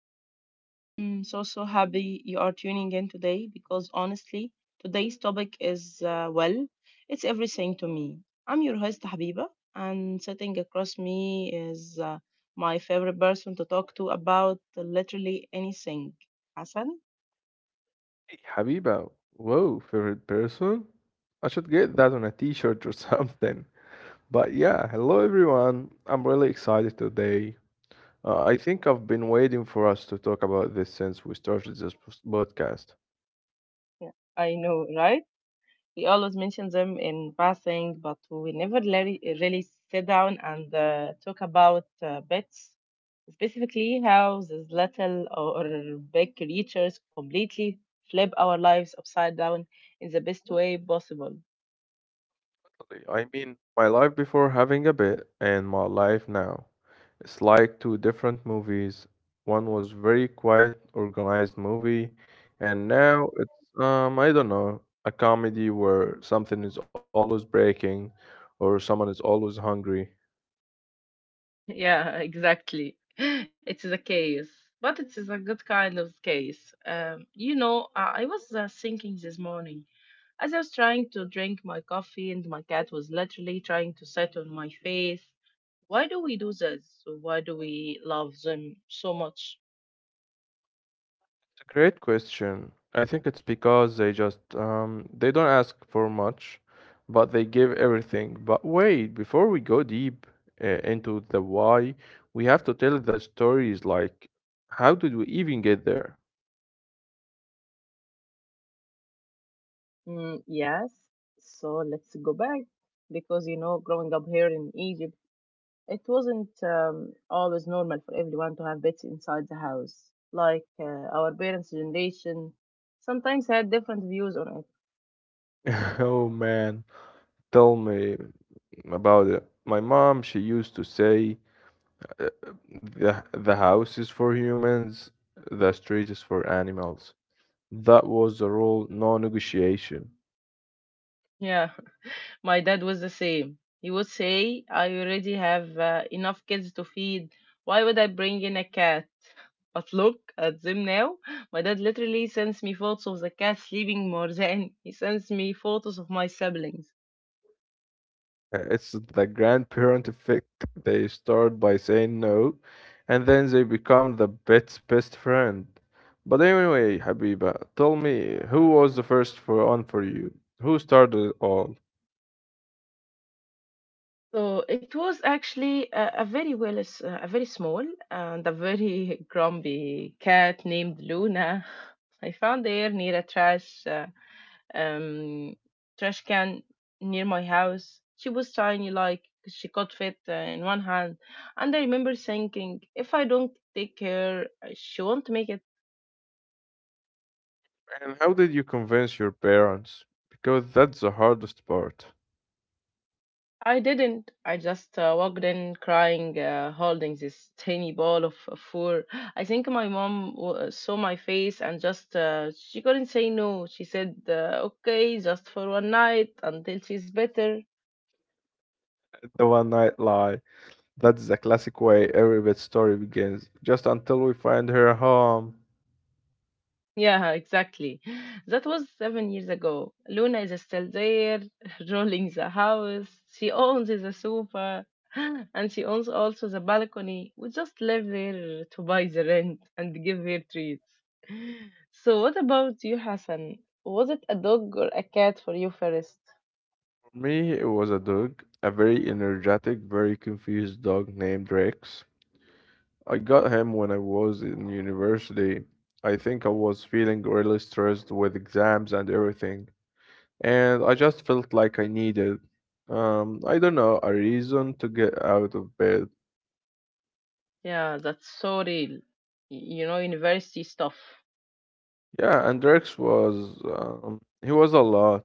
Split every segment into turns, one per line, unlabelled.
to the show. I'm so happy you are tuning in today because honestly, today's topic is well, it's everything to me. I'm your host Habiba, and sitting across me is my favorite person to talk to about literally anything. Hassan?
Hey, Habiba, whoa, favorite person? I should get that on a t-shirt or something. But yeah, hello everyone. I'm really excited today. I think I've been waiting for us to talk about this since we started this podcast.
Yeah, I know, right? He always mentions them in passing, but we never really sit down and talk about pets, specifically how these little or big creatures completely flip our lives upside down in the best way possible.
I mean, my life before having a bit and my life now. It's like two different movies. One was very quiet, organized movie, and now it's I don't know, a comedy where something is always breaking or someone is always hungry.
Yeah, exactly. It's the case, but it's a good kind of case. I was thinking this morning as I was trying to drink my coffee, and my cat was literally trying to sit on my face. Why do we do this? Why do we love them so much?
It's a great question. I think it's because they just they don't ask for much, but they give everything. But wait, before we go deep into the why, we have to tell the stories like how did we even get there?
Mm, yes. So let's go back because you know, growing up here in Egypt. It wasn't always normal for everyone to have pets inside the house. Like our parents' generation sometimes had different views on it.
Oh man. Tell me about it. My mom, she used to say, uh, the house is for humans, the street is for animals. That was the rule, no negotiation.
Yeah, my dad was the same. He would say, I already have enough kids to feed. Why would I bring in a cat? But look at them now. My dad literally sends me photos of the cat sleeping more than he sends me photos of my siblings.
It's the grandparent effect. They start by saying no, and then they become the pet's best friend. But anyway, Habiba, tell me, who was the first for on for you? Who started it all?
So it was actually a very small and a very grumpy cat named Luna. I found her near a um, trash can near my house. She was tiny, like she could fit in one hand, and I remember thinking, if I don't take care, she won't make it.
And how did you convince your parents? Because that's the hardest part.
I didn't. I just walked in crying, holding this tiny ball of fur. I think my mom saw my face and just she couldn't say no. She said, "Okay, just for one night until she's better."
The one night lie. That's the classic way every bad story begins, just until we find her home.
Yeah, exactly. That was seven years ago. Luna is still there, rolling the house. She owns the sofa, and she owns also the balcony. We just live there to buy the rent and give her treats. So, what about you, Hassan? Was it a dog or a cat for you first?
For me, it was a dog, a very energetic, very confused dog named Rex. I got him when I was in university. I think I was feeling really stressed with exams and everything, and I just felt like I needed, I don't know, a reason to get out of bed.
Yeah, that's so real. You know, university stuff.
Yeah, Andrex was he was a lot.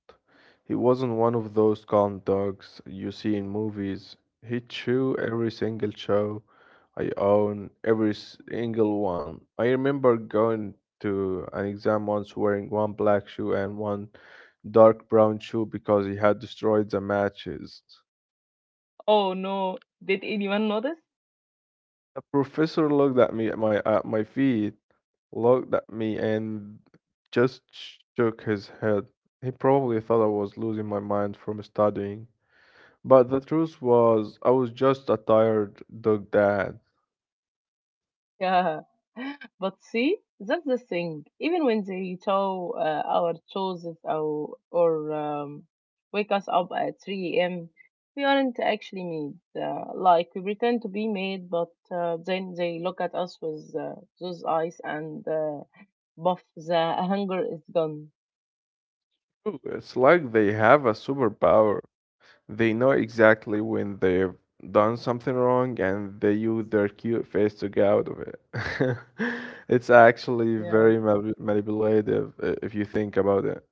He wasn't one of those calm dogs you see in movies. He chew every single show. I own every single one. I remember going to an exam once wearing one black shoe and one dark brown shoe because he had destroyed the matches.
Oh no, did anyone notice?
The professor looked at me at my feet, looked at me and just shook his head. He probably thought I was losing my mind from studying, but the truth was I was just a tired dog dad.
Yeah. But see, that's the thing. Even when they tow our chores or wake us up at 3 a.m., we aren't actually made. Like, we pretend to be made, but then they look at us with those eyes and buff, the hunger is gone.
Ooh, it's like they have a superpower. They know exactly when they've done something wrong and they use their cute face to get out of it. It's actually
Yeah.
very manipulative if you think about it.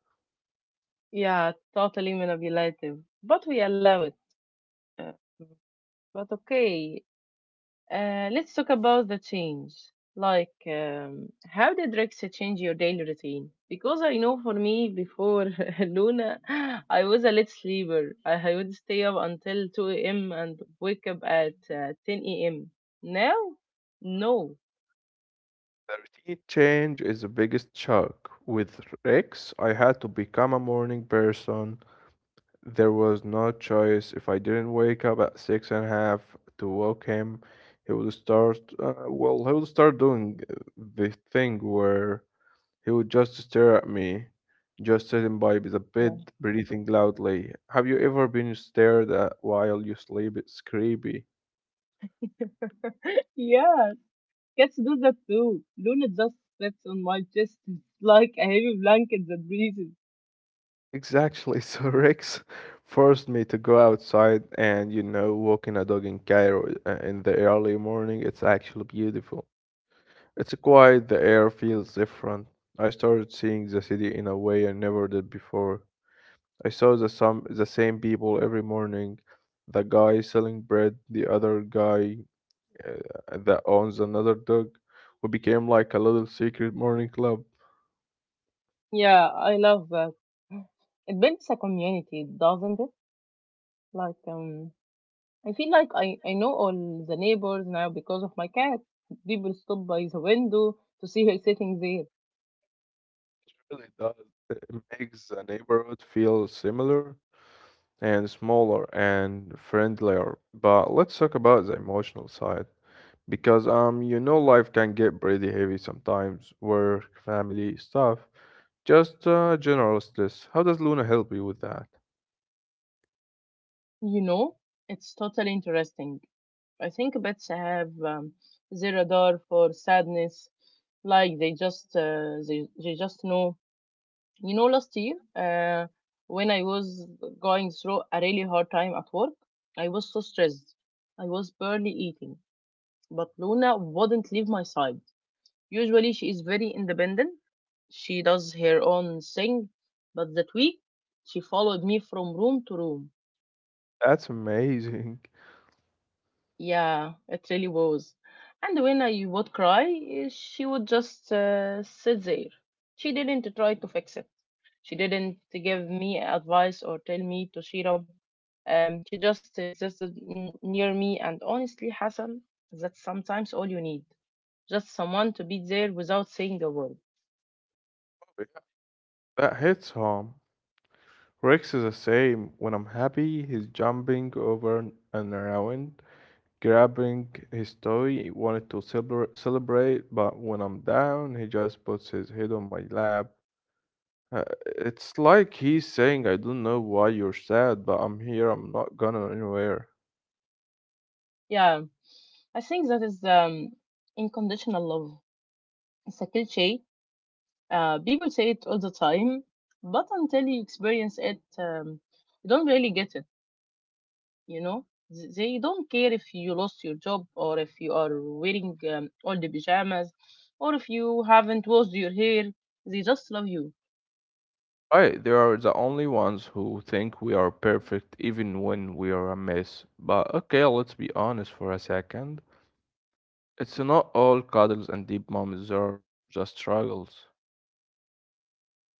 Yeah, totally manipulative. But we allow it. Uh, but okay, let's talk about the change. Like, how did Rex change your daily routine? Because I know for me, before Luna, I was a late sleeper. I would stay up until 2 a.m. and wake up at 10 a.m. Now, no.
The routine change is the biggest shock. With Rex, I had to become a morning person. There was no choice. If I didn't wake up at six and a half to walk him, he would he would start doing the thing where he would just stare at me, just sitting by the
Yeah.
bed, breathing loudly. Have you ever been stared at while you sleep? It's creepy.
Yeah, cats do that too. Luna just sits on my chest like a heavy blanket that breathes.
Exactly. So Rex forced me to go outside and, you know, walking a dog in Cairo in the early morning. It's actually beautiful. It's quiet, the air feels different. I started seeing the city in a way I never did before. I saw the same people every morning. The guy selling bread, the other guy that owns another dog. We became like a little secret morning club.
Yeah, I love that. It builds a community, doesn't it? Like, I feel like I know all the neighbors now because of my cat. People stop by the window to see her sitting there.
Really does. It makes the neighborhood feel similar and smaller and friendlier. But let's talk about the emotional side because you know life can get pretty heavy sometimes, work, family, stuff. Just general stress. How does Luna help you with that?
You know, it's totally interesting. I think pets have their radar for sadness, like they just they just know. You know, last year when I was going through a really hard time at work, I was so stressed. I was barely eating, but Luna wouldn't leave my side. Usually, she is very independent. She does her own thing, but that week she followed me from room to room.
That's amazing.
Yeah, it really was. And when I would cry, eh, she would just sit there. She didn't try to fix it. She didn't give me advice or tell me to cheer up. She just existed near me, and honestly, Hassan, that's sometimes all you need. Just someone to be there without saying a word.
That hits home. Rex is the same. When I'm happy, he's jumping over and around, grabbing his toy. He wanted to celebrate, but when I'm down, he just puts his head on my lap. Uh, it's like he's saying, I don't know why you're sad, but I'm here, I'm not gonna anywhere.
Yeah, I think that is unconditional love. It's a cliche. People say it all the time, but until you experience it, you don't really get it. You know, they don't care if you lost your job or if you are wearing all the pajamas or if you haven't washed your hair. They just love you.
Right, they are the only ones who think we are perfect even when we are a mess. But okay, let's be honest for a second. It's not all cuddles and deep moments are just struggles.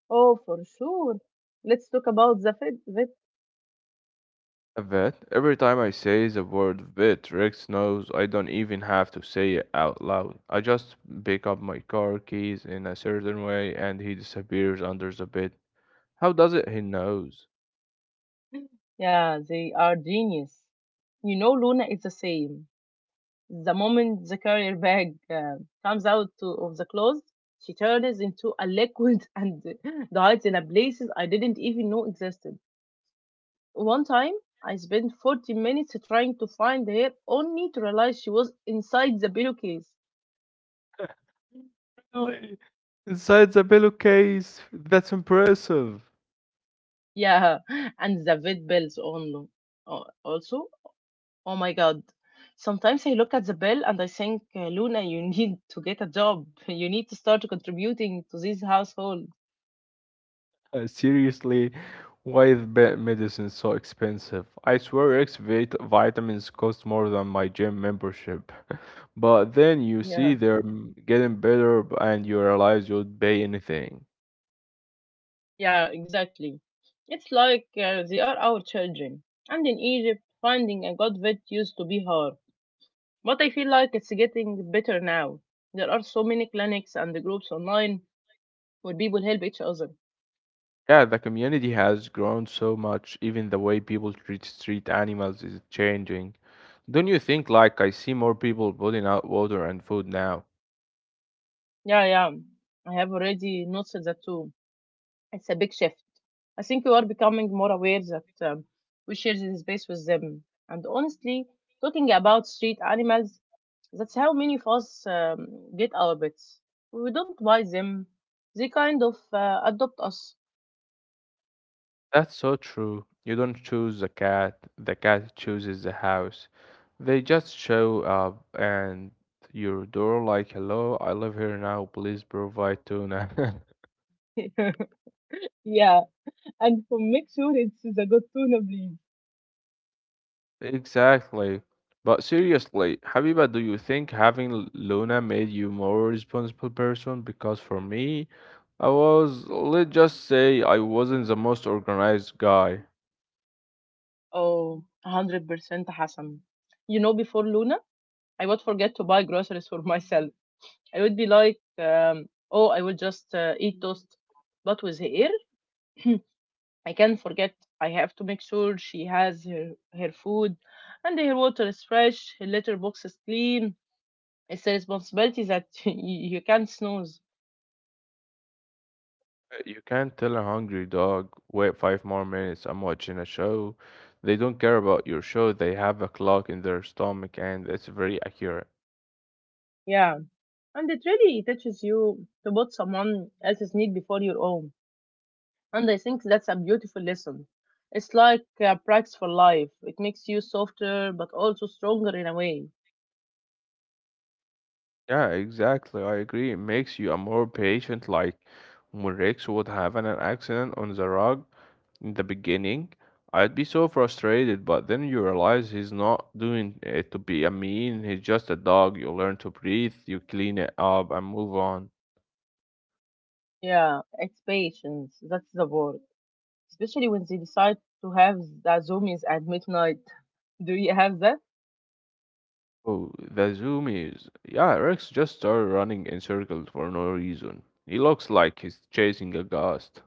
Oh, for sure. Let's talk about the fit.
A vet, every time I say the word vet, Rex knows. I don't even have to say it out loud. I just pick up my car keys in a certain way and he disappears under the bed. How does it? He knows.
Yeah, they are genius. You know, Luna is the same. The moment the carrier bag comes out to, of the clothes, she turns into a liquid and hides in a places I didn't even know existed. One time, I spent 40 minutes trying to find her only to realize she was inside the pillowcase.
Really? Inside the pillowcase? That's impressive.
Yeah, and the vet bells on also. Oh my god. Sometimes I look at the bell and I think, Luna, you need to get a job. You need to start contributing to this household.
Seriously, why is vet medicine so expensive? I swear X vitamins cost more than my gym membership. But then you see
Yeah,
they're getting better and you realize you'd pay anything.
yeah, exactly. It's like they are our children. And in Egypt, finding a good vet used to be hard. But I feel like it's getting better now. There are so many clinics and groups online where people help each other.
Yeah, the community has grown so much, even the way people treat street animals is changing. Don't you think, like, I see more people putting out water and food now?
Yeah, yeah. I have already noticed that too. It's a big shift. I think we are becoming more aware that we share this space with them. And honestly, talking about street animals, that's how many of us get our pets. We don't buy them, they kind of adopt us.
That's so true. You don't choose the cat chooses the house. They just show up and your door like, hello, I live here now, please provide tuna.
Yeah, and for make sure it's the good tuna, please.
Exactly. But seriously, Habiba, do you think having Luna made you more responsible person? Because for me, I was, let's just say, I wasn't the most organized guy.
Oh, 100% Hassan. You know, before Luna, I would forget to buy groceries for myself. I would be like, oh, I will just eat toast. But with her, I can forget. I have to make sure she has her food and her water is fresh, her litter box is clean. It's a responsibility that you can't snooze.
You can't tell a hungry dog, wait five more minutes, I'm watching a show. They don't care about your show, they have a clock in their stomach, and it's very accurate.
Yeah. And it really teaches you to put someone else's need before your own. And I think that's a beautiful lesson. It's like a practice for life. It makes you softer, but also stronger in a way.
Yeah, exactly. I agree. It makes you a more patient, like when Rex would have an accident on the rug in the beginning. I'd be so frustrated, but then you realize he's not doing it to be a mean. He's just a dog. You learn to breathe, you clean it up, and move on.
Yeah, it's patience. That's the word. Especially when they decide to have the zoomies at midnight. Do you have that?
Oh, the zoomies. Yeah, Rex just started running in circles for no reason. He looks like he's chasing a ghost.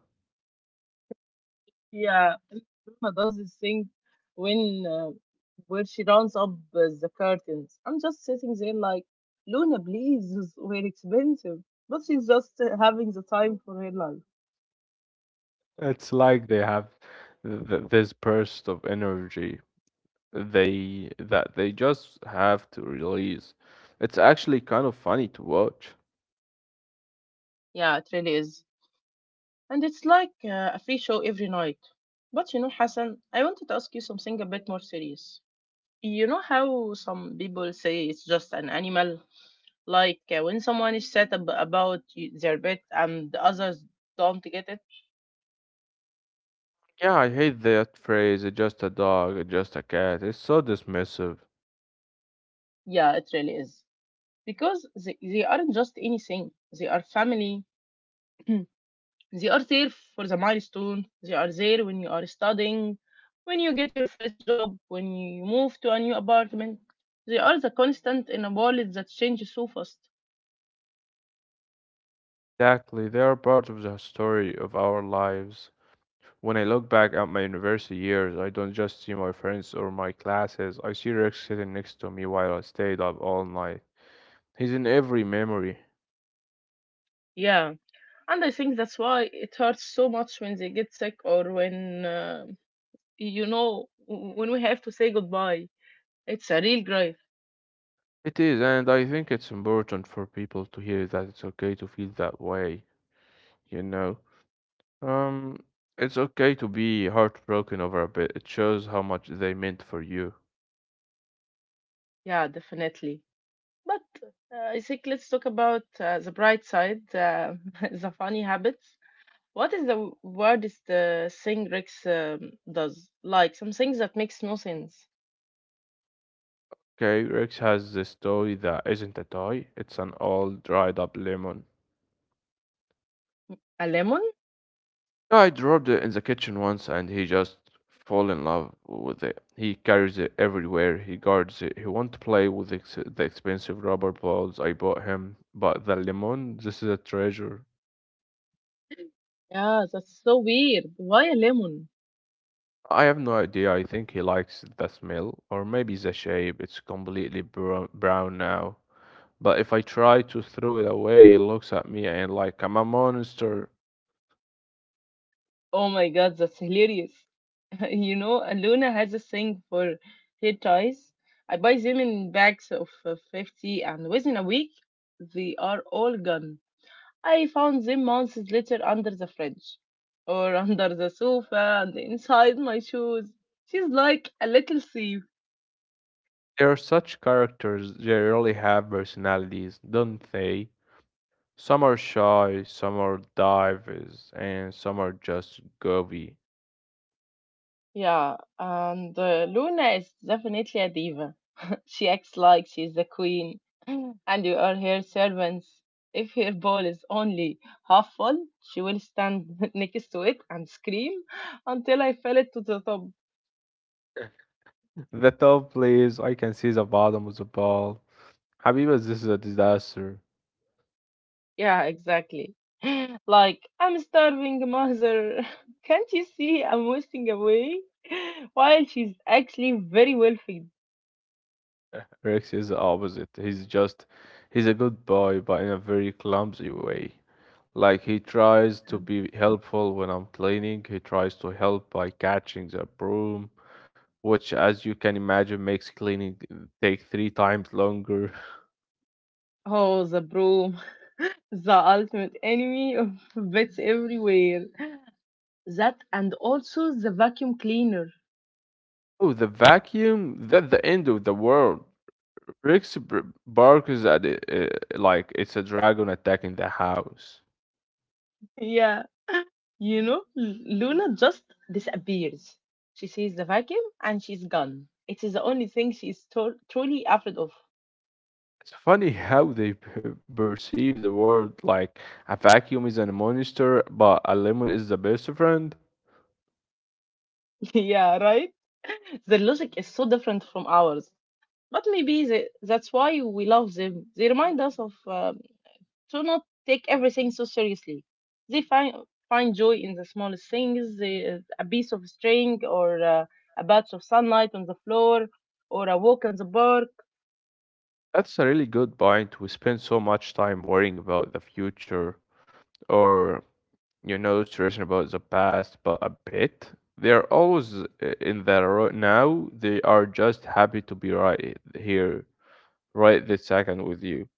Yeah, Roma does this thing when where she runs up the curtains. I'm just sitting there like, Luna, please, we're expensive. But she's just having the time for her life.
It's like they have this burst of energy they that they just have to release. It's actually kind of funny to watch.
Yeah, it really is. And it's like a free show every night. But you know, Hassan, I wanted to ask you something a bit more serious. You know how some people say it's just an animal? Like when someone is sad about their pet and the others don't get it?
Yeah, I hate that phrase, it's just a dog, it's just a cat. It's so dismissive.
Yeah, it really is. Because they aren't just anything, they are family, they are there for the milestone. They are there when you are studying, when you get your first job, when you move to a new apartment. They are the constant in a world that changes so fast.
Exactly, they are part of the story of our lives. When I look back at my university years, I don't just see my friends or my classes. I see Rex sitting next to me while I stayed up all night. He's in every memory.
Yeah, and I think that's why it hurts so much when they get sick or when, when we have to say goodbye. It's a real grief.
It is, and I think it's important for people to hear that it's okay to feel that way, you know? Um, it's okay to be heartbroken over a bit. It shows how much they meant for you.
Yeah, definitely. But I think let's talk about the bright side, the funny habits. What is the weirdest thing Rex does? Like some things that makes no sense.
Okay, Rex has this toy that isn't a toy. It's an old dried up lemon.
A lemon?
I dropped it in the kitchen once and he just fall in love with it. He carries it everywhere. He guards it. He won't play with the expensive rubber balls I bought him, but the lemon, this is a treasure.
Yeah, that's so weird. Why a lemon?
I have no idea. I think he likes the smell or maybe the shape. It's completely brown now. But if I try to throw it away, he looks at me and like I'm a monster.
Oh my god, that's hilarious. You know, Luna has a thing for hair ties. I buy them in bags of 50, and within a week, they are all gone. I found them months later under the fridge, or under the sofa, and inside my shoes. She's like a little thief.
They are such characters, they really have personalities, don't they? Some are shy, some are divers, and some are just goofy.
Yeah, and Luna is definitely a diva. She acts like she's the queen, and you are her servants. If her bowl is only half full, she will stand next to it and scream until I fill it to the top.
The top, please. I can see the bottom of the ball. Habibas, this is a disaster.
Yeah, exactly. Like, I'm starving, mother. Can't you see I'm wasting away? While she's actually very well fed.
Rex is the opposite. He's a good boy, but in a very clumsy way. Like he tries to be helpful when I'm cleaning. He tries to help by catching the broom, which, as you can imagine, makes cleaning take three times longer.
Oh, the broom, the ultimate enemy of pets everywhere. That and also the vacuum cleaner.
Oh, the vacuum! That the end of the world. Rex barks at it like it's a dragon attacking the house.
Yeah, you know, Luna just disappears. She sees the vacuum and she's gone. It is the only thing she's truly afraid of.
It's funny how they perceive the world like a vacuum is a monster, but a lemon is the best friend.
Yeah, right? Their logic is so different from ours. But maybe that's why we love them. They remind us of to not take everything so seriously. They find joy in the smallest things, a piece of string or a patch of sunlight on the floor or a walk in the park.
That's a really good point. We spend so much time worrying about the future or, you know, stressing about the past, but a bit. They are always in that now. They are just happy to be right here, right this second with you.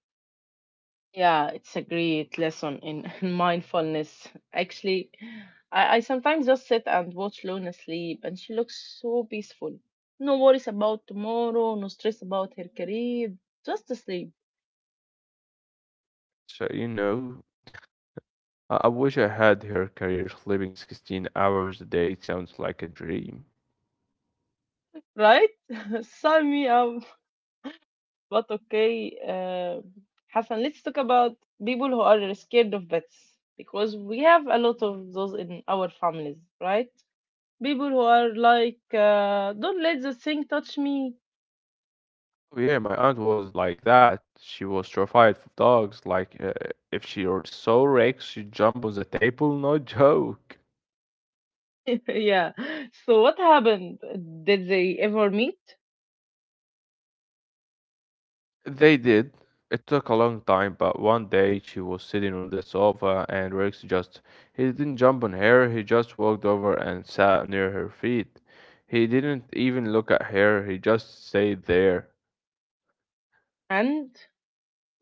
Yeah, it's a great lesson in, mindfulness. Actually, I sometimes just sit and watch Luna sleep, and she looks so peaceful. No worries about tomorrow, no stress about her career, just sleep,
So, you know, I wish I had her career sleeping 16 hours a day. Sounds like a dream.
right? Sign me up. But okay, Hassan, let's talk about people who are scared of bats because we have a lot of those in our families, right? People who are like, don't let the thing touch me.
Oh yeah, my aunt was like that. She was terrified of dogs. Like, if she or saw Rex, she'd jump on the table. No joke.
Yeah. So what happened? Did they ever meet?
They did. It took a long time, but one day she was sitting on the sofa and Rex just, he didn't jump on her, he just walked over and sat near her feet. He didn't even look at her, he just stayed there.
And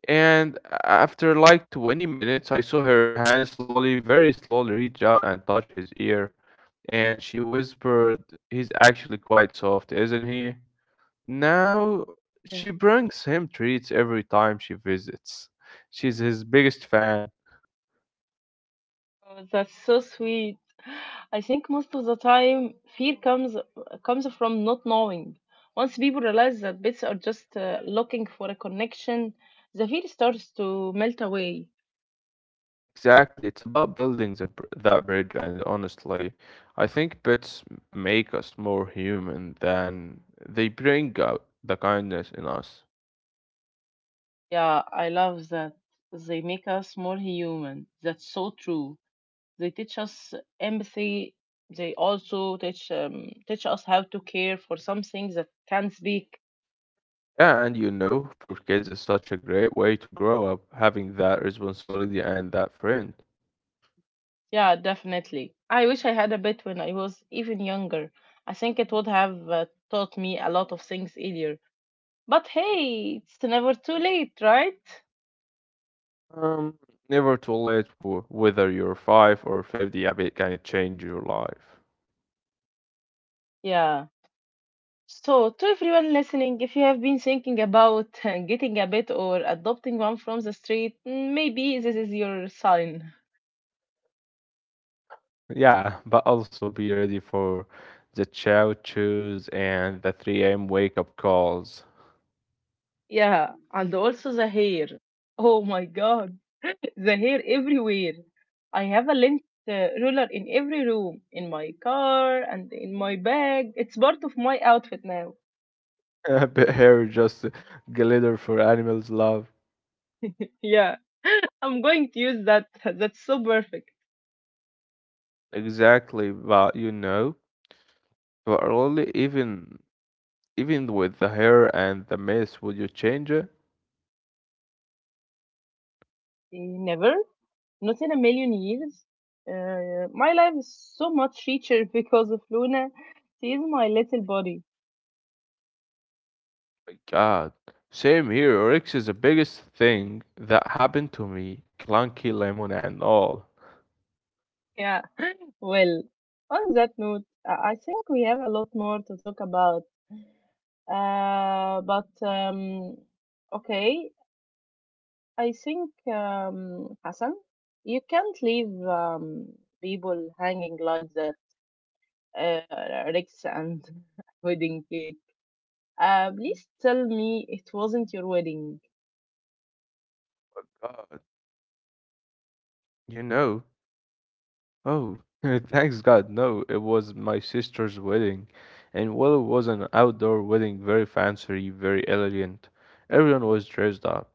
And after like 20 minutes, I saw her hand slowly, very slowly reach out and touch his ear. And she whispered, he's actually quite soft, isn't he? Now,
yeah.
she brings him treats every time she visits. She's his biggest fan.
Oh, that's so sweet. I think most of the time fear comes from not knowing. Once people realize that bits are just looking for a connection, the fear starts to melt away.
Exactly. It's about building that bridge. And honestly, I think pets make us more human than they bring out the kindness in us.
Yeah, I love that. They make us more human. That's so true. They teach us empathy. They also teach teach us how to care for something that can't be.
Yeah, and you know, for kids, it's such a great way to grow up, having that responsibility and that friend.
Yeah, definitely. I wish I had a bit when I was even younger. I think it would have taught me a lot of things earlier. But hey, it's never too late, right?
Um, Never too late for whether you're 5 or 50. A bit can change your life.
Yeah. So, to everyone listening, if you have been thinking about getting a pet or adopting one from the street, mm, maybe this is your sign.
Yeah, but also be ready for the chow chews and the 3 a.m. wake up calls.
Yeah, and also the hair. Oh my god, the hair everywhere. I have a lint roller in every room, in my car and in my bag. It's part of my outfit now.
But here, just glitter for animals' love.
Yeah, I'm going to use that. That's so perfect.
Exactly, but you know, but really, even with the hair and the mess, would you change it?
Eh, never, not in a million years. My life is so much richer because of Luna. She is my little body.
My God. Same here. Oryx is the biggest thing that happened to me. Clunky lemon and all.
Yeah. Well, on that note, I think we have a lot more to talk about. But okay, I think, Hassan, you can't leave people hanging like that. Rex and wedding cake. Please tell me it wasn't your wedding.
God, you know. Oh, thanks God. No, it was my sister's wedding. And while it was an outdoor wedding, very fancy, very elegant, everyone was dressed up.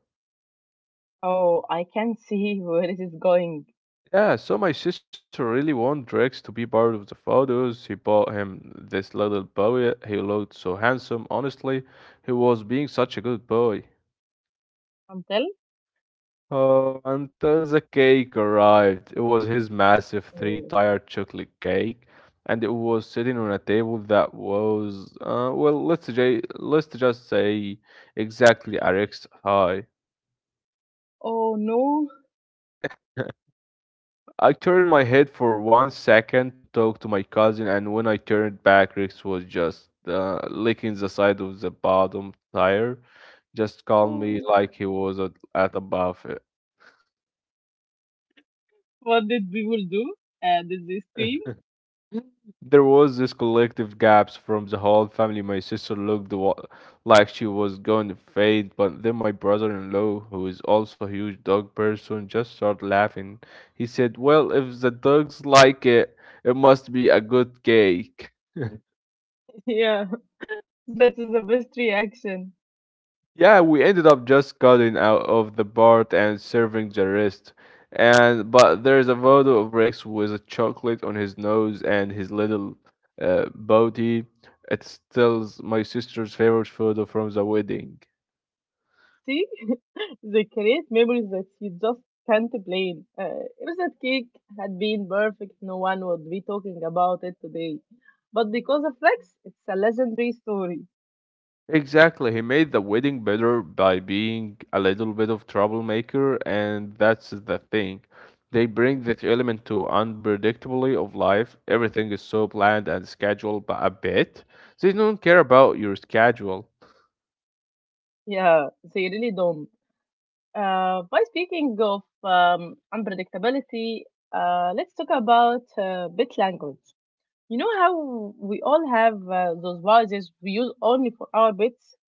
Oh, I can see where it is going.
Yeah, so my sister really wanted Rex to be part of the photos. He bought him this little boy. He looked so handsome, honestly. He was being such a good boy.
Until?
Oh, until the cake arrived. It was his massive
Oh,
three-tiered chocolate cake, and it was sitting on a table that was, well, let's just say exactly a Rex high.
oh no.
I turned my head for one second to talk to my cousin, and when I turned back, Rex was just licking the side of the bottom tire, just
Oh,
calmly like he was at a buffet.
what did people do? Did they scream?
There was this collective gaps from the whole family. My sister like she was going to faint, but then my brother-in-law, who is also a huge dog person, just started laughing. He said, "Well, if the dogs like it must be a good cake."
Yeah, that's the best reaction.
Yeah, we ended up just cutting out of the bar and serving the rest. And but there is a photo of Rex with a chocolate on his nose and his little body. It's still my sister's favorite photo from the wedding.
See? They create memories that you just can't blame. If that cake had been perfect, no one would be talking about it today. But because of Flex, it's a legendary story.
Exactly. He made the wedding better by being a little bit of troublemaker, and that's the thing. They bring that element to unpredictability of life. Everything is so planned and scheduled, but a bit. They don't care about your schedule.
Yeah, they really don't. By speaking of unpredictability, let's talk about bit language. You know how we all have those voices we use only for our bits?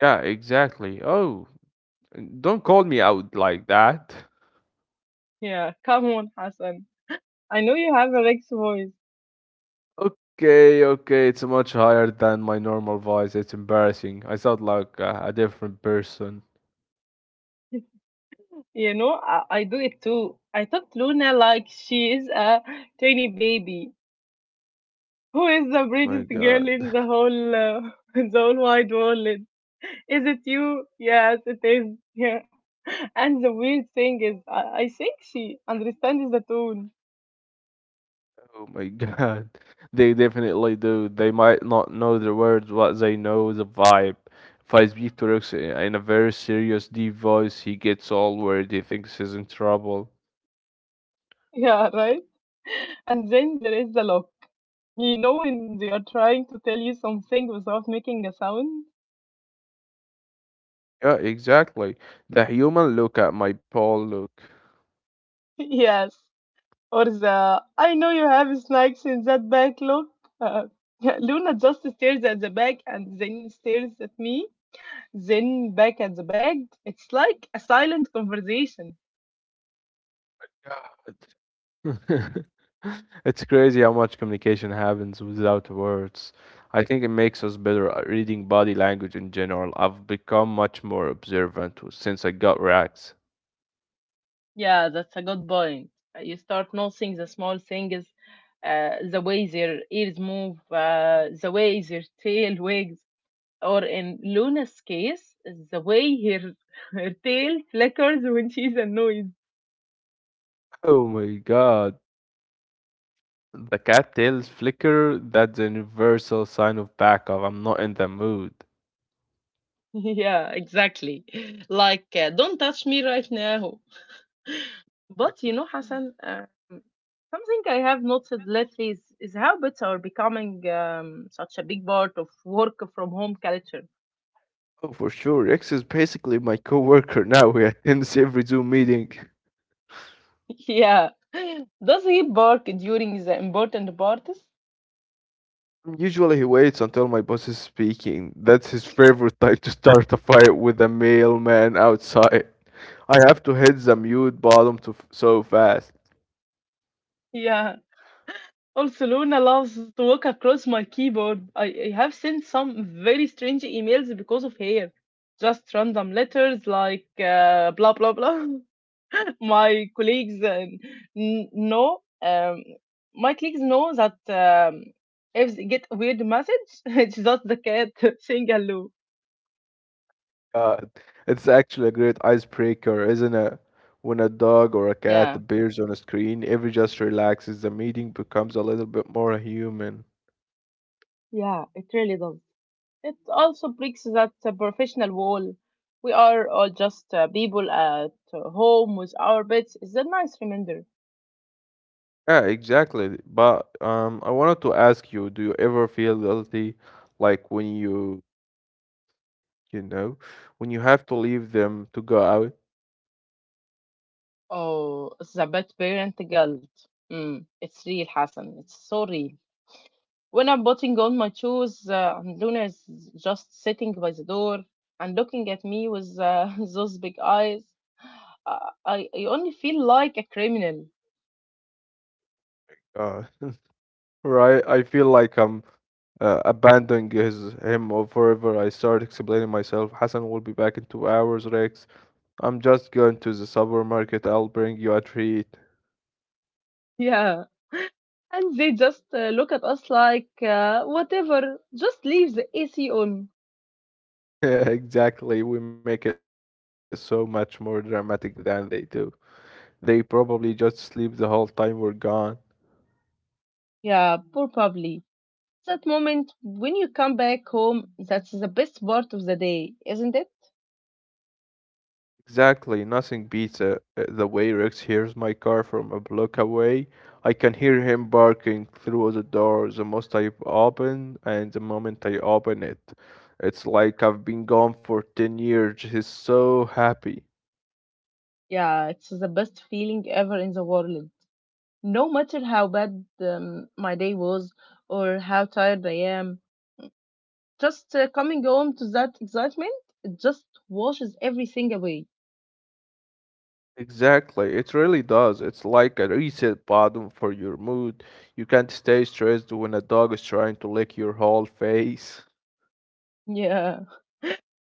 Yeah, exactly. Oh, don't call me out like that.
Yeah, come on, Hassan. I know you have a Rex voice.
Okay, okay, it's much higher than my normal voice. It's embarrassing. I sound like a different person.
You know, I do it too. I talk to Luna like she is a tiny baby. Who is the
Oh my
prettiest
god.
girl in the whole in the whole wide world? Is it you? Yes, it is. Yeah. And the weird thing is, I think she understands the tone.
Oh my God. They definitely do. They might not know the words, but they know the vibe. If I speak to Rex in a very serious, deep voice, he gets all worried. He thinks he's in trouble.
Yeah, right. And then there is the look. You know, when they are trying to tell you something without making a sound.
Yeah, exactly. The human look at my Paul look.
Yes. Or the I know you have snakes in that bag look. Uh, Luna just stares at the bag and then stares at me, then back at the bag. It's like a silent conversation.
God. It's crazy how much communication happens without words. I think it makes us better at reading body language in general. I've become much more observant since I got Rex.
Yeah, that's a good point. You start noticing the small things, the way their ears move, the way their tail wags, or in Luna's case, the way her, her tail flickers when she's annoyed.
Oh my God. The cattails flicker, that's a universal sign of back off. I'm not in the mood.
Yeah, exactly. Like, don't touch me right now. But you know, Hassan, something I have noted lately is habits are becoming such a big part of work from home culture.
Oh, for sure. X is basically my coworker now. He attends every Zoom meeting.
Yeah. Does he bark during the important parties?
Usually he waits until my boss is speaking. That's his favorite time to start a fight with a mailman outside. I have to hit the mute bottom so fast.
Yeah. Also, Luna loves to walk across my keyboard. I have sent some very strange emails because of her. Just random letters like blah blah blah. my colleagues uh, n- know um, my colleagues know that if they get a weird message, it's just the cat saying hello.
God, it's actually a great icebreaker, isn't it? When a dog or a cat
Yeah,
appears on a screen, every just relaxes. The meeting becomes a little bit more human.
yeah, it really does. It also breaks that professional wall. We are all just people at home with our pets. It's a nice reminder.
Yeah, exactly. But I wanted to ask you, do you ever feel guilty, like when you know, when you have to leave them to go out?
Oh, it's a bad parent guilt. Mm, it's real, Hassan, it's so real. When I'm putting on my shoes, Luna is just sitting by the door and looking at me with those big eyes. I only feel like a criminal.
Uh, right? I feel like I'm abandoning his him or forever. I start explaining myself. Hassan will be back in 2 hours, Rex. I'm just going to the supermarket. I'll bring you a treat.
Yeah. And they just look at us like, whatever, just leave the AC on.
Exactly. We make it so much more dramatic than they do. They probably just sleep the whole time we're gone.
Yeah, poor Pabli. That moment when you come back home, that's the best part of the day, isn't it?
Exactly, nothing beats the way Rex hears my car from a block away. I can hear him barking through the door the most I open, and the moment I open it, it's like I've been gone for 10 years. He's so happy.
Yeah, it's the best feeling ever in the world. No matter how bad my day was or how tired I am, just coming home to that excitement, it just washes everything away.
Exactly, it really does. It's like a reset button for your mood. You can't stay stressed when a dog is trying to lick your whole face.
Yeah.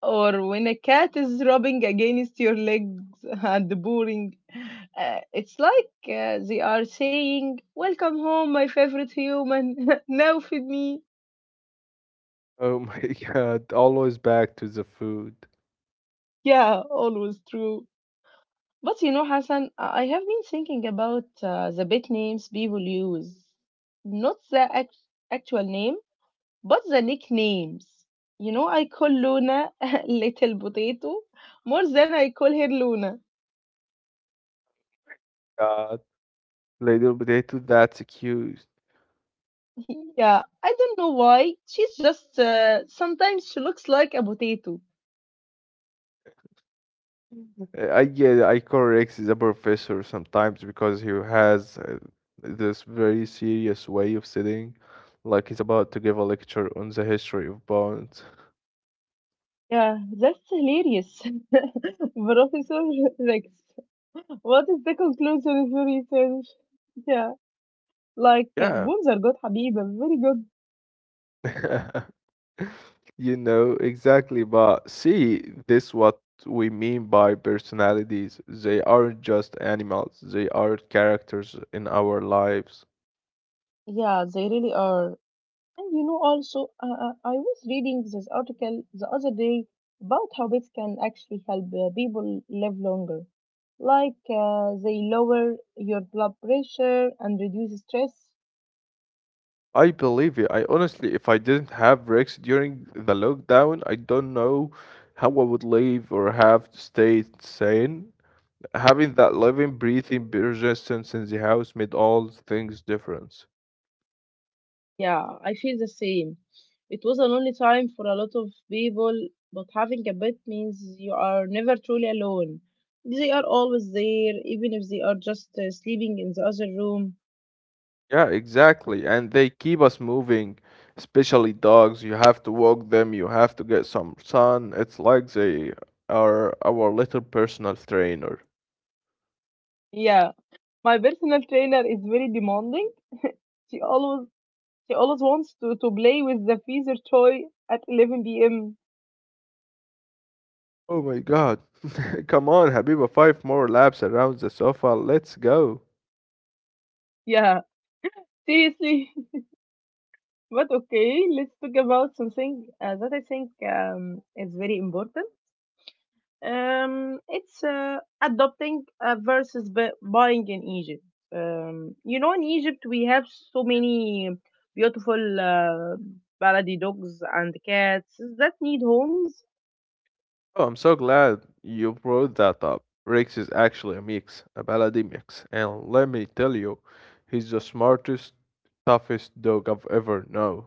Or when a cat is rubbing against your legs and boring, it's like they are saying, Welcome home, my favorite human. Now feed me.
Oh my god, always back to the food.
Yeah, always true. But you know, Hassan, I have been thinking about the pet names people use. Not the act- actual name, but the nicknames. You know, I call Luna Little Potato more than I call her Luna.
God. Little potato, that's cute.
Yeah, I don't know why. She's just, sometimes she looks like a potato.
I correct the professor sometimes because he has this very serious way of sitting, like he's about to give a lecture on the history of bonds.
Yeah, that's hilarious. Professor Rex, what is the conclusion of your research? Yeah, like,
Yeah.
Boons are good, Habiba, very good.
You know, exactly. But see, this what we mean by personalities. They aren't just animals, they are characters in our lives.
Yeah, they really are. And you know, also, I was reading this article the other day about how pets can actually help people live longer. Like, they lower your blood pressure and reduce stress.
I believe it. I honestly, if I didn't have breaks during the lockdown, I don't know how I would live or have stayed sane. Having that living, breathing persistence in the house made all things different.
Yeah, I feel the same. It was a lonely time for a lot of people, but having a pet means you are never truly alone. They are always there, even if they are just sleeping in the other room.
Yeah, exactly. And they keep us moving, especially dogs. You have to walk them, you have to get some sun. It's like they are our little personal trainer.
Yeah, my personal trainer is very demanding. She always she always wants to play with the freezer toy at 11 p.m.
Oh my God. Come on, Habiba, five more laps around the sofa. Let's go.
Yeah, seriously. But okay, let's talk about something that I think is very important. It's adopting versus buying in Egypt. You know, in Egypt we have so many beautiful baladi dogs and cats that need homes.
Oh, I'm so glad you brought that up. Rex is actually a mix, a paladin mix, and let me tell you, he's the smartest, toughest dog I've ever known.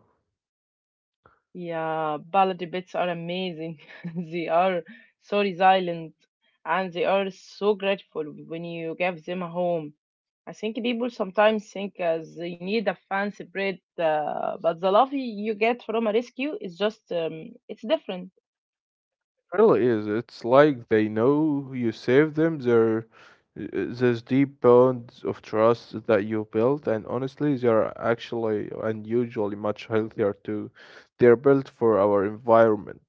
Yeah, ballad debates are amazing. They are so resilient and they are so grateful when you give them a home. I think people sometimes think they need a fancy bread, but the love you get from a rescue is just, it's different.
Really is. It's like they know you saved them. There's deep bonds of trust that you built, and honestly, they're actually unusually much healthier too. They're built for our environment.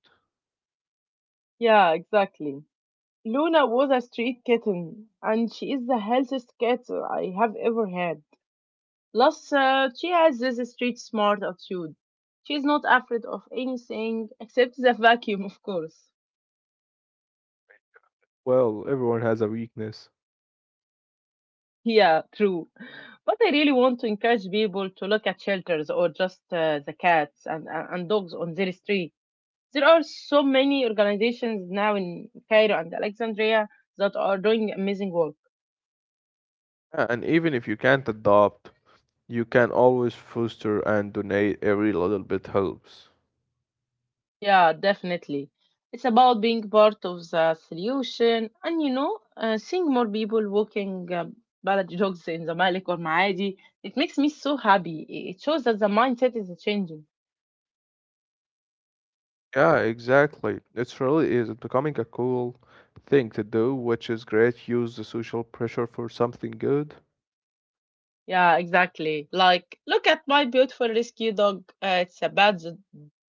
Yeah, exactly. Luna was a street kitten and she is the healthiest cat I have ever had. Plus, she has this street smart attitude. She's not afraid of anything except the vacuum, of course.
Well, everyone has a weakness.
Yeah, true. But I really want to encourage people to look at shelters or just the cats and dogs on their street. There are so many organizations now in Cairo and Alexandria that are doing amazing work.
Yeah, and even if you can't adopt. You can always foster and donate, every little bit helps.
Yeah, definitely. It's about being part of the solution and you know, seeing more people walking ballet dogs in the Malik or Maadi, it makes me so happy. It shows that the mindset is changing.
Yeah, exactly. It really is. It's becoming a cool thing to do, which is great. Use the social pressure for something good.
Yeah, exactly. Like, look at my beautiful rescue dog. It's a badge,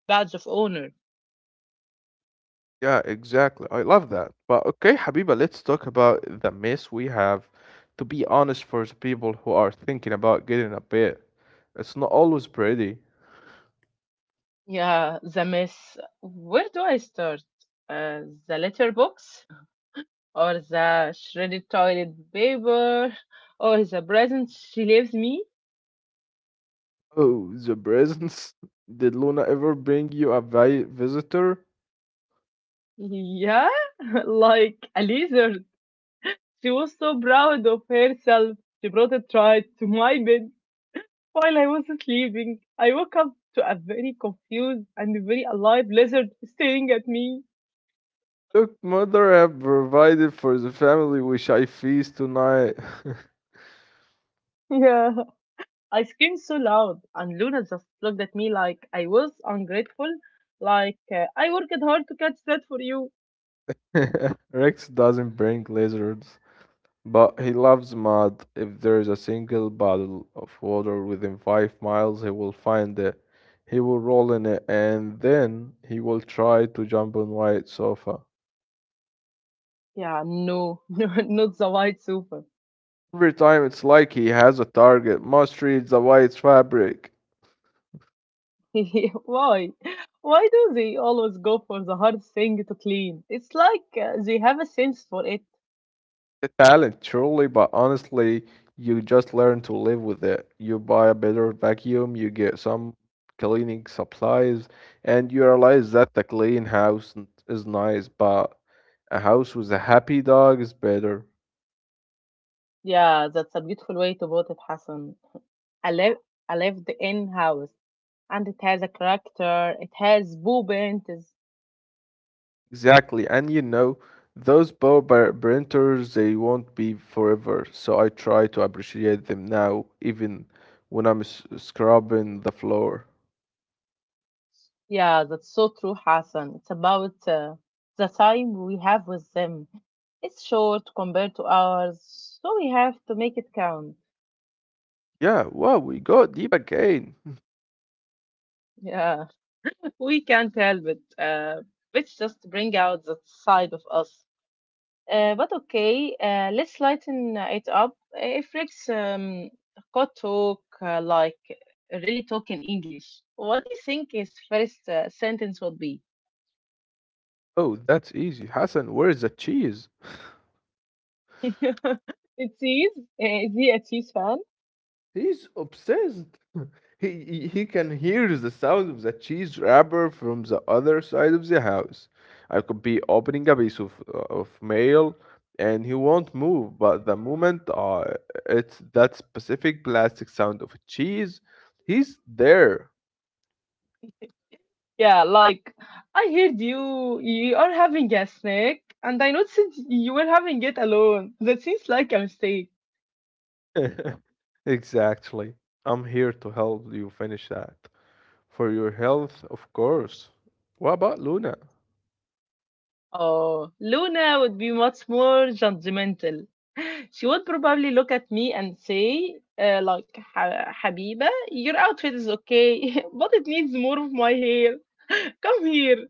badge of honor.
Yeah, exactly. I love that. But okay, Habiba, let's talk about the mess we have. To be honest, for the people who are thinking about getting a pet, it's not always pretty.
Yeah, the mess. Where do I start? Uh, the litter box or the shredded toilet paper or the present she leaves me?
Oh, the presents. Did Luna ever bring you a vi visitor?
Yeah, like a lizard. She was so proud of herself. She brought a tray to my bed while I was sleeping. I woke up to a very confused and very alive lizard staring at me.
Look, mother have provided for the family which I feast tonight.
Yeah, I screamed so loud, and Luna just looked at me like I was ungrateful, like I worked hard to catch that for you.
Rex doesn't bring lizards, but he loves mud. If there is a single bottle of water within 5 miles, he will find it. He will roll in it, and then he will try to jump on white sofa.
Yeah, no, no, not the white sofa.
Every time it's like he has a target. Must read the white fabric.
Why? Why do they always go for the hard thing to clean? It's like they have a sense for it.
A talent, truly, but honestly, you just learn to live with it. You buy a better vacuum, you get some cleaning supplies, and you realize that a clean house n- is nice, but a house with a happy dog is better.
Yeah, that's a beautiful way to put it, Hassan. I live, I lived in house, and it has a character. It has movement. It's,
Exactly, and you know, those printers, they won't be forever, so I try to appreciate them now, even when scrubbing the floor.
yeah, that's so true, Hassan. It's about the time we have with them. It's short compared to ours, so we have to make it count.
Yeah, wow, we got deep again.
Yeah, we can't help it. Let's just bring out that side of us. But okay, let's lighten it up. If Rex could talk like really talk in English, what do you think his first sentence would be?
Oh, that's easy. Hassan, where's the cheese?
It's cheese? Is he a cheese fan?
He's obsessed. He can hear the sound of the cheese wrapper from the other side of the house. I could be opening a piece of mail and he won't move, but the moment it's that specific plastic sound of cheese, he's there.
Yeah, like I heard you are having a snack, and I noticed you were having it alone. That seems like a mistake.
Exactly. I'm here to help you finish that. For your health, of course. What about Luna?
Oh, Luna would be much more judgmental. She would probably look at me and say, "Ha- Habiba, your outfit is okay, but it needs more of my hair. Come here."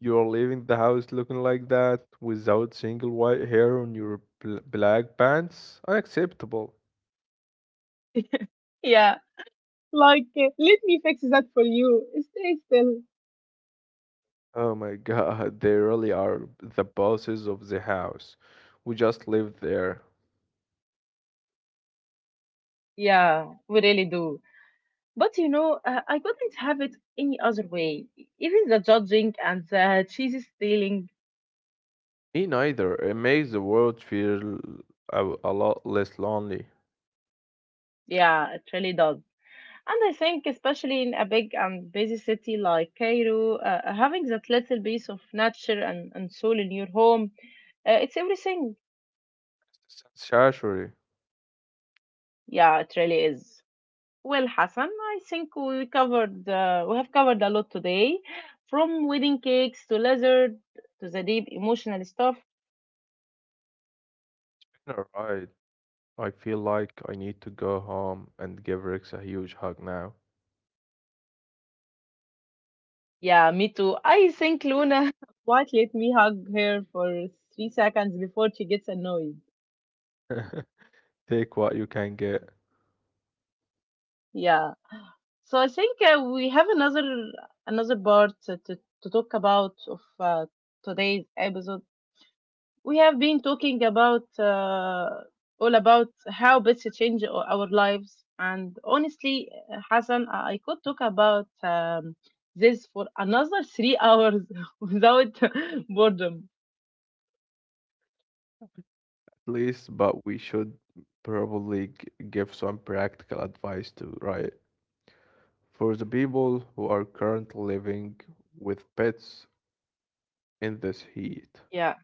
You're leaving the house looking like that without single white hair on your black pants? Unacceptable.
Yeah. Let me fix that for you. Stay still.
Oh my god, they really are the bosses of the house. We just live there.
Yeah, we really do. But I couldn't have it any other way. Even the judging and the cheesy stealing.
Me neither. It makes the world feel a lot less lonely.
Yeah, it really does. And I think, especially in a big and busy city like Cairo, having that little piece of nature and soul in your home, it's everything.
Saturday.
Yeah, it really is. Well, Hassan, I think we have covered a lot today, from wedding cakes to lizard to the deep emotional stuff.
You're right. I feel like I need to go home and give Rex a huge hug now.
Yeah, me too. I think Luna might let me hug her for 3 seconds before she gets annoyed.
Take what you can get.
Yeah. So I think we have another part to talk about of today's episode. We have been talking about all about how best to change o- our lives, and honestly, Hassan, I could talk about this for another 3 hours without boredom.
Least, but we should give some practical advice too, right? For the people who are currently living with pets in this heat.
Yeah,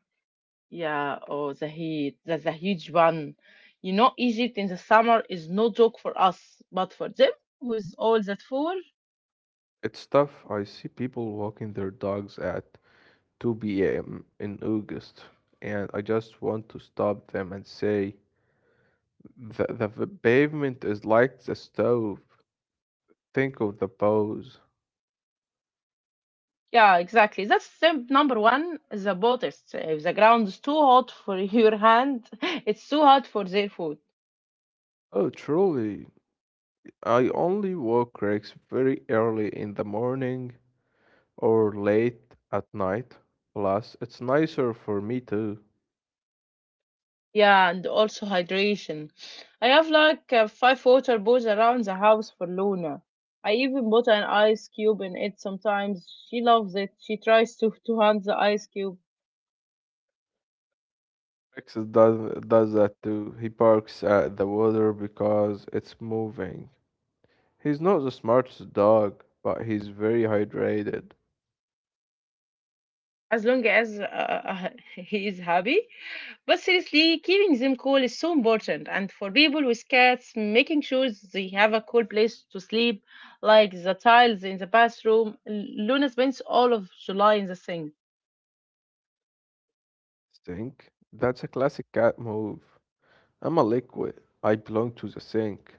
yeah. Oh, the heat, that's a huge one. You know, Egypt in the summer is no joke for us, but for them, with all that food.
It's tough. I see people walking their dogs at 2 p.m. in August, and I just want to stop them and say pavement is like the stove. Think of the pose.
Yeah, exactly. That's step number one, the bottles. If the ground is too hot for your hand, it's too hot for their food.
Oh, truly, I only walk Rex very early in the morning or late at night. Plus, it's nicer for me too.
Yeah, and also hydration. I have five water bottles around the house for Luna. I even bought an ice cube in it sometimes. She loves it. She tries to hunt the ice cube
Rex does that too. He barks at the water because it's moving. He's not the smartest dog, but he's very hydrated.
as long as he is happy. But seriously, keeping them cool is so important. And for people with cats, making sure they have a cool place to sleep, like the tiles in the bathroom. Luna spends all of July in the sink.
Sink? That's a classic cat move. I'm a liquid. I belong to the sink.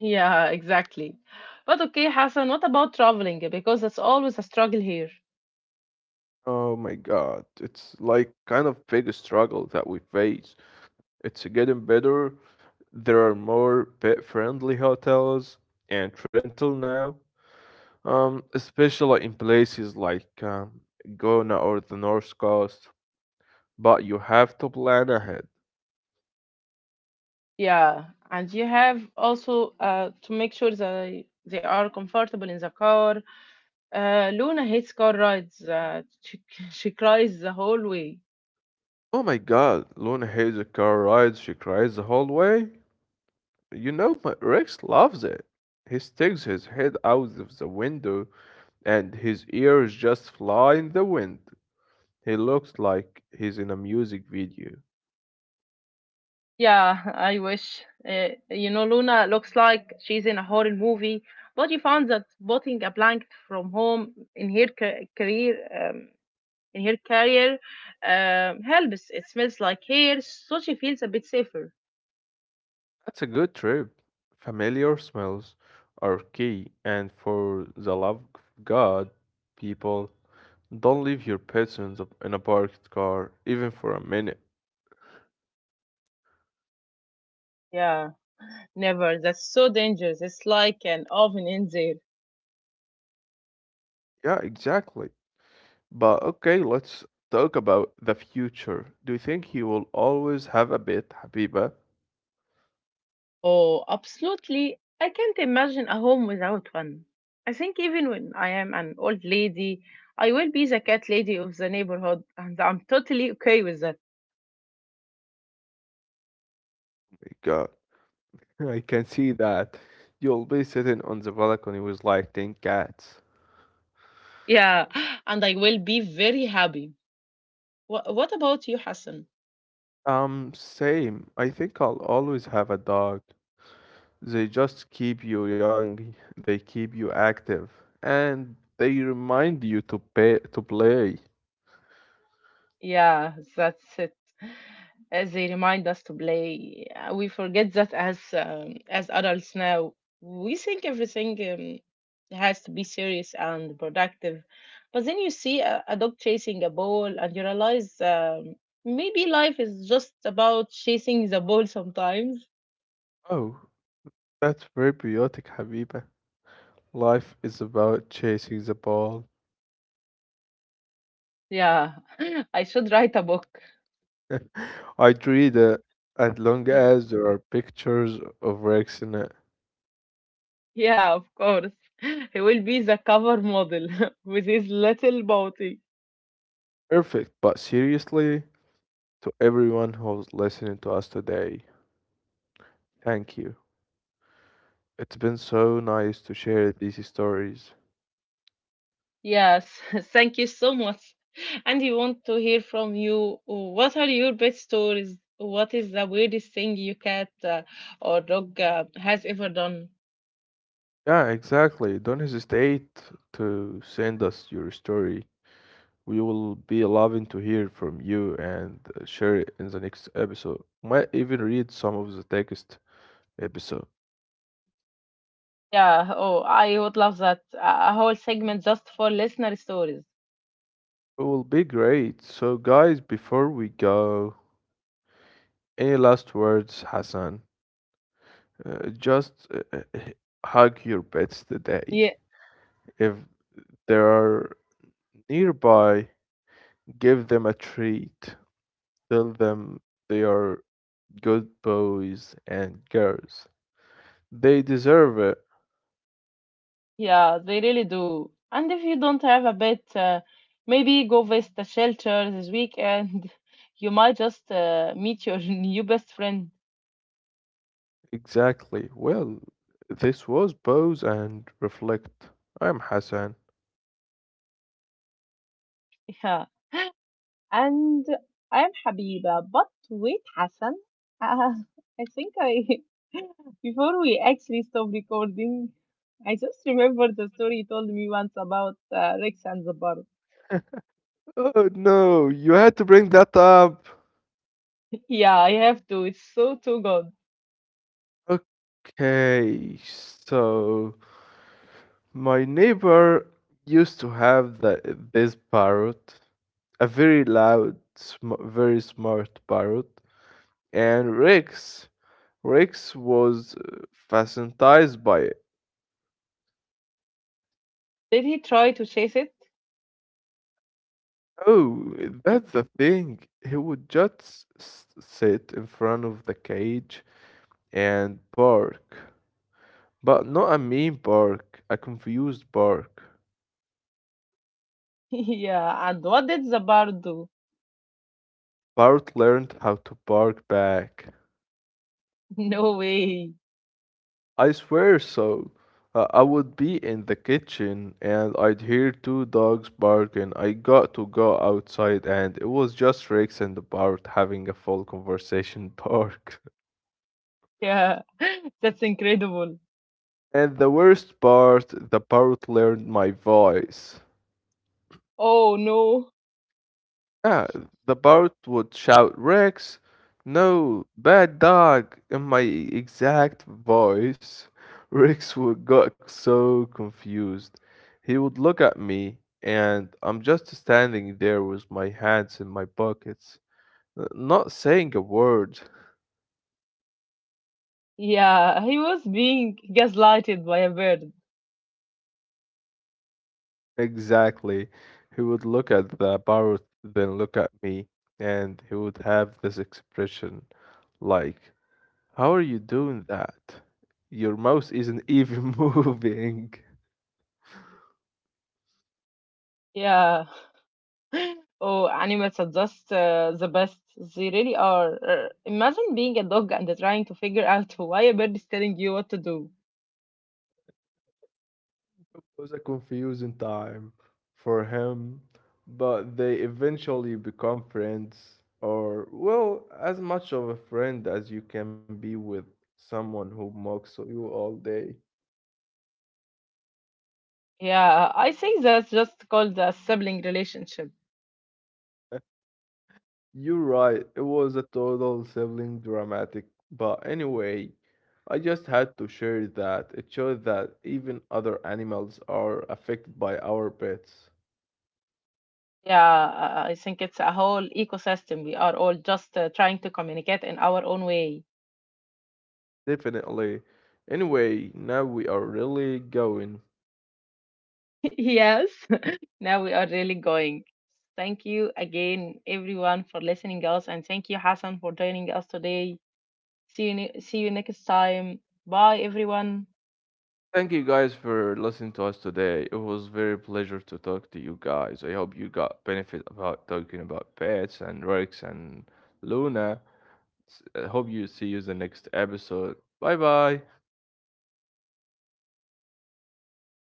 Yeah, exactly. But okay, Hassan, what about traveling? Because that's always a struggle here.
Oh my god, it's like kind of big struggle that we face. It's getting better. There are more pet friendly hotels and rental now. Especially in places like Ghana or the North Coast, but you have to plan ahead.
Yeah, and you have also to make sure that they are comfortable in the car. Luna hates car rides. She cries the whole way.
Oh my God, Luna hates the car ride. She cries the whole way. You know, but Rex loves it. He sticks his head out of the window, and his ears just fly in the wind. He looks like he's in a music video.
Yeah, I wish. You know, Luna looks like she's in a horror movie, but you found that spotting a blanket from home in her career, helps. It smells like hair, so she feels a bit safer.
That's a good trip. Familiar smells are key, and for the love of God, people. Don't leave your pets in a parked car, even for a minute.
Yeah, never. That's so dangerous. It's like an oven in there.
Yeah, exactly. But okay, let's talk about the future. Do you think you will always have a pet, Habiba? Oh
Oh, absolutely. I can't imagine a home without one. I think even when I am an old lady, I will be the cat lady of the neighborhood, and I'm totally okay with that.
my God, I can see that. You'll be sitting on the balcony with like 10 cats.
Yeah, and I will be very happy. What about you, Hassan?
Same. I think I'll always have a dog. They just keep you young, they keep you active, and they remind you to play.
Yeah, that's it. As they remind us to play, we forget that as adults now, we think everything has to be serious and productive. But then you see a dog chasing a ball, and you realize maybe life is just about chasing the ball sometimes.
Oh, that's very biotic, Habiba. Life is about chasing the ball.
Yeah, I should write a book.
I'd read it as long as there are pictures of Rex in it.
Yeah, of course. He will be the cover model with his little body.
Perfect. But seriously, to everyone who's listening to us today, thank you. It's been so nice to share these stories.
Yes, thank you so much. And we want to hear from you. What are your pet stories? What is the weirdest thing your cat or dog has ever done?
Yeah, exactly. Don't hesitate to send us your story. We will be loving to hear from you and share it in the next episode. Might even read some of the text episode.
Yeah, oh, I would love that. A whole segment just for listener stories.
It will be great. So, guys, before we go, any last words, Hassan? Just hug your pets today. If they are nearby, give them a treat. Tell them they are good boys and girls. They deserve it.
Yeah, they really do. And if you don't have a pet, maybe go visit a shelter this weekend. You might just meet your new best friend.
Exactly. Well, this was Pose and Reflect. I'm Hassan.
Yeah. And I am Habiba, but wait, Hassan. Uh, I think I, before we actually stop recording, I just remembered the story you told me once about Rex and the bird.
Oh no, you had to bring that up.
Yeah, I have to. It's so too good.
Okay, so my neighbor used to have this parrot, a very loud, sm very smart parrot, and Rex was fascinated by it.
Did he try to chase it?
Oh, that's the thing. He would just sit in front of the cage and bark, but not a mean bark, a confused bark.
Yeah. And what did the bird do?
Parrot learned how to bark back.
No way.
I swear so. I would be in the kitchen and I'd hear two dogs barking. I got to go outside and it was just Rex and the parrot having a full conversation park.
Yeah, that's incredible.
And the worst part, the parrot learned my voice.
Oh no.
Yeah, the bird would shout, Rex, no, bad dog, in my exact voice. Rex would got so confused. He would look at me, and I'm just standing there with my hands in my pockets, not saying a word.
Yeah, he was being gaslighted by a bird.
Exactly. He would look at the bird, then look at me, and he would have this expression like, how are you doing that? Your mouse isn't even moving.
Yeah. Oh, animals are just the best. They really are. Imagine being a dog and trying to figure out why a bird is telling you what to do.
It was a confusing time for him, but they eventually become friends, or, well, as much of a friend as you can be with someone who mocks you all day.
Yeah, I think that's just called a sibling relationship.
You're right, it was a total sibling dramatic. But anyway, I just had to share that. It shows that even other animals are affected by our pets.
Yeah, I think it's a whole ecosystem. We are all just trying to communicate in our own way.
Definitely. Anyway, now we are really going.
Yes. Now we are really going. Thank you again, everyone, for listening us, and thank you, Hassan, for joining us today. See you, ne- see you next time. Bye, everyone.
Thank you guys for listening to us today. It was very pleasure to talk to you guys. I hope you got benefit about talking about pets and Rex and Luna. I hope you see you in the next episode. Bye bye.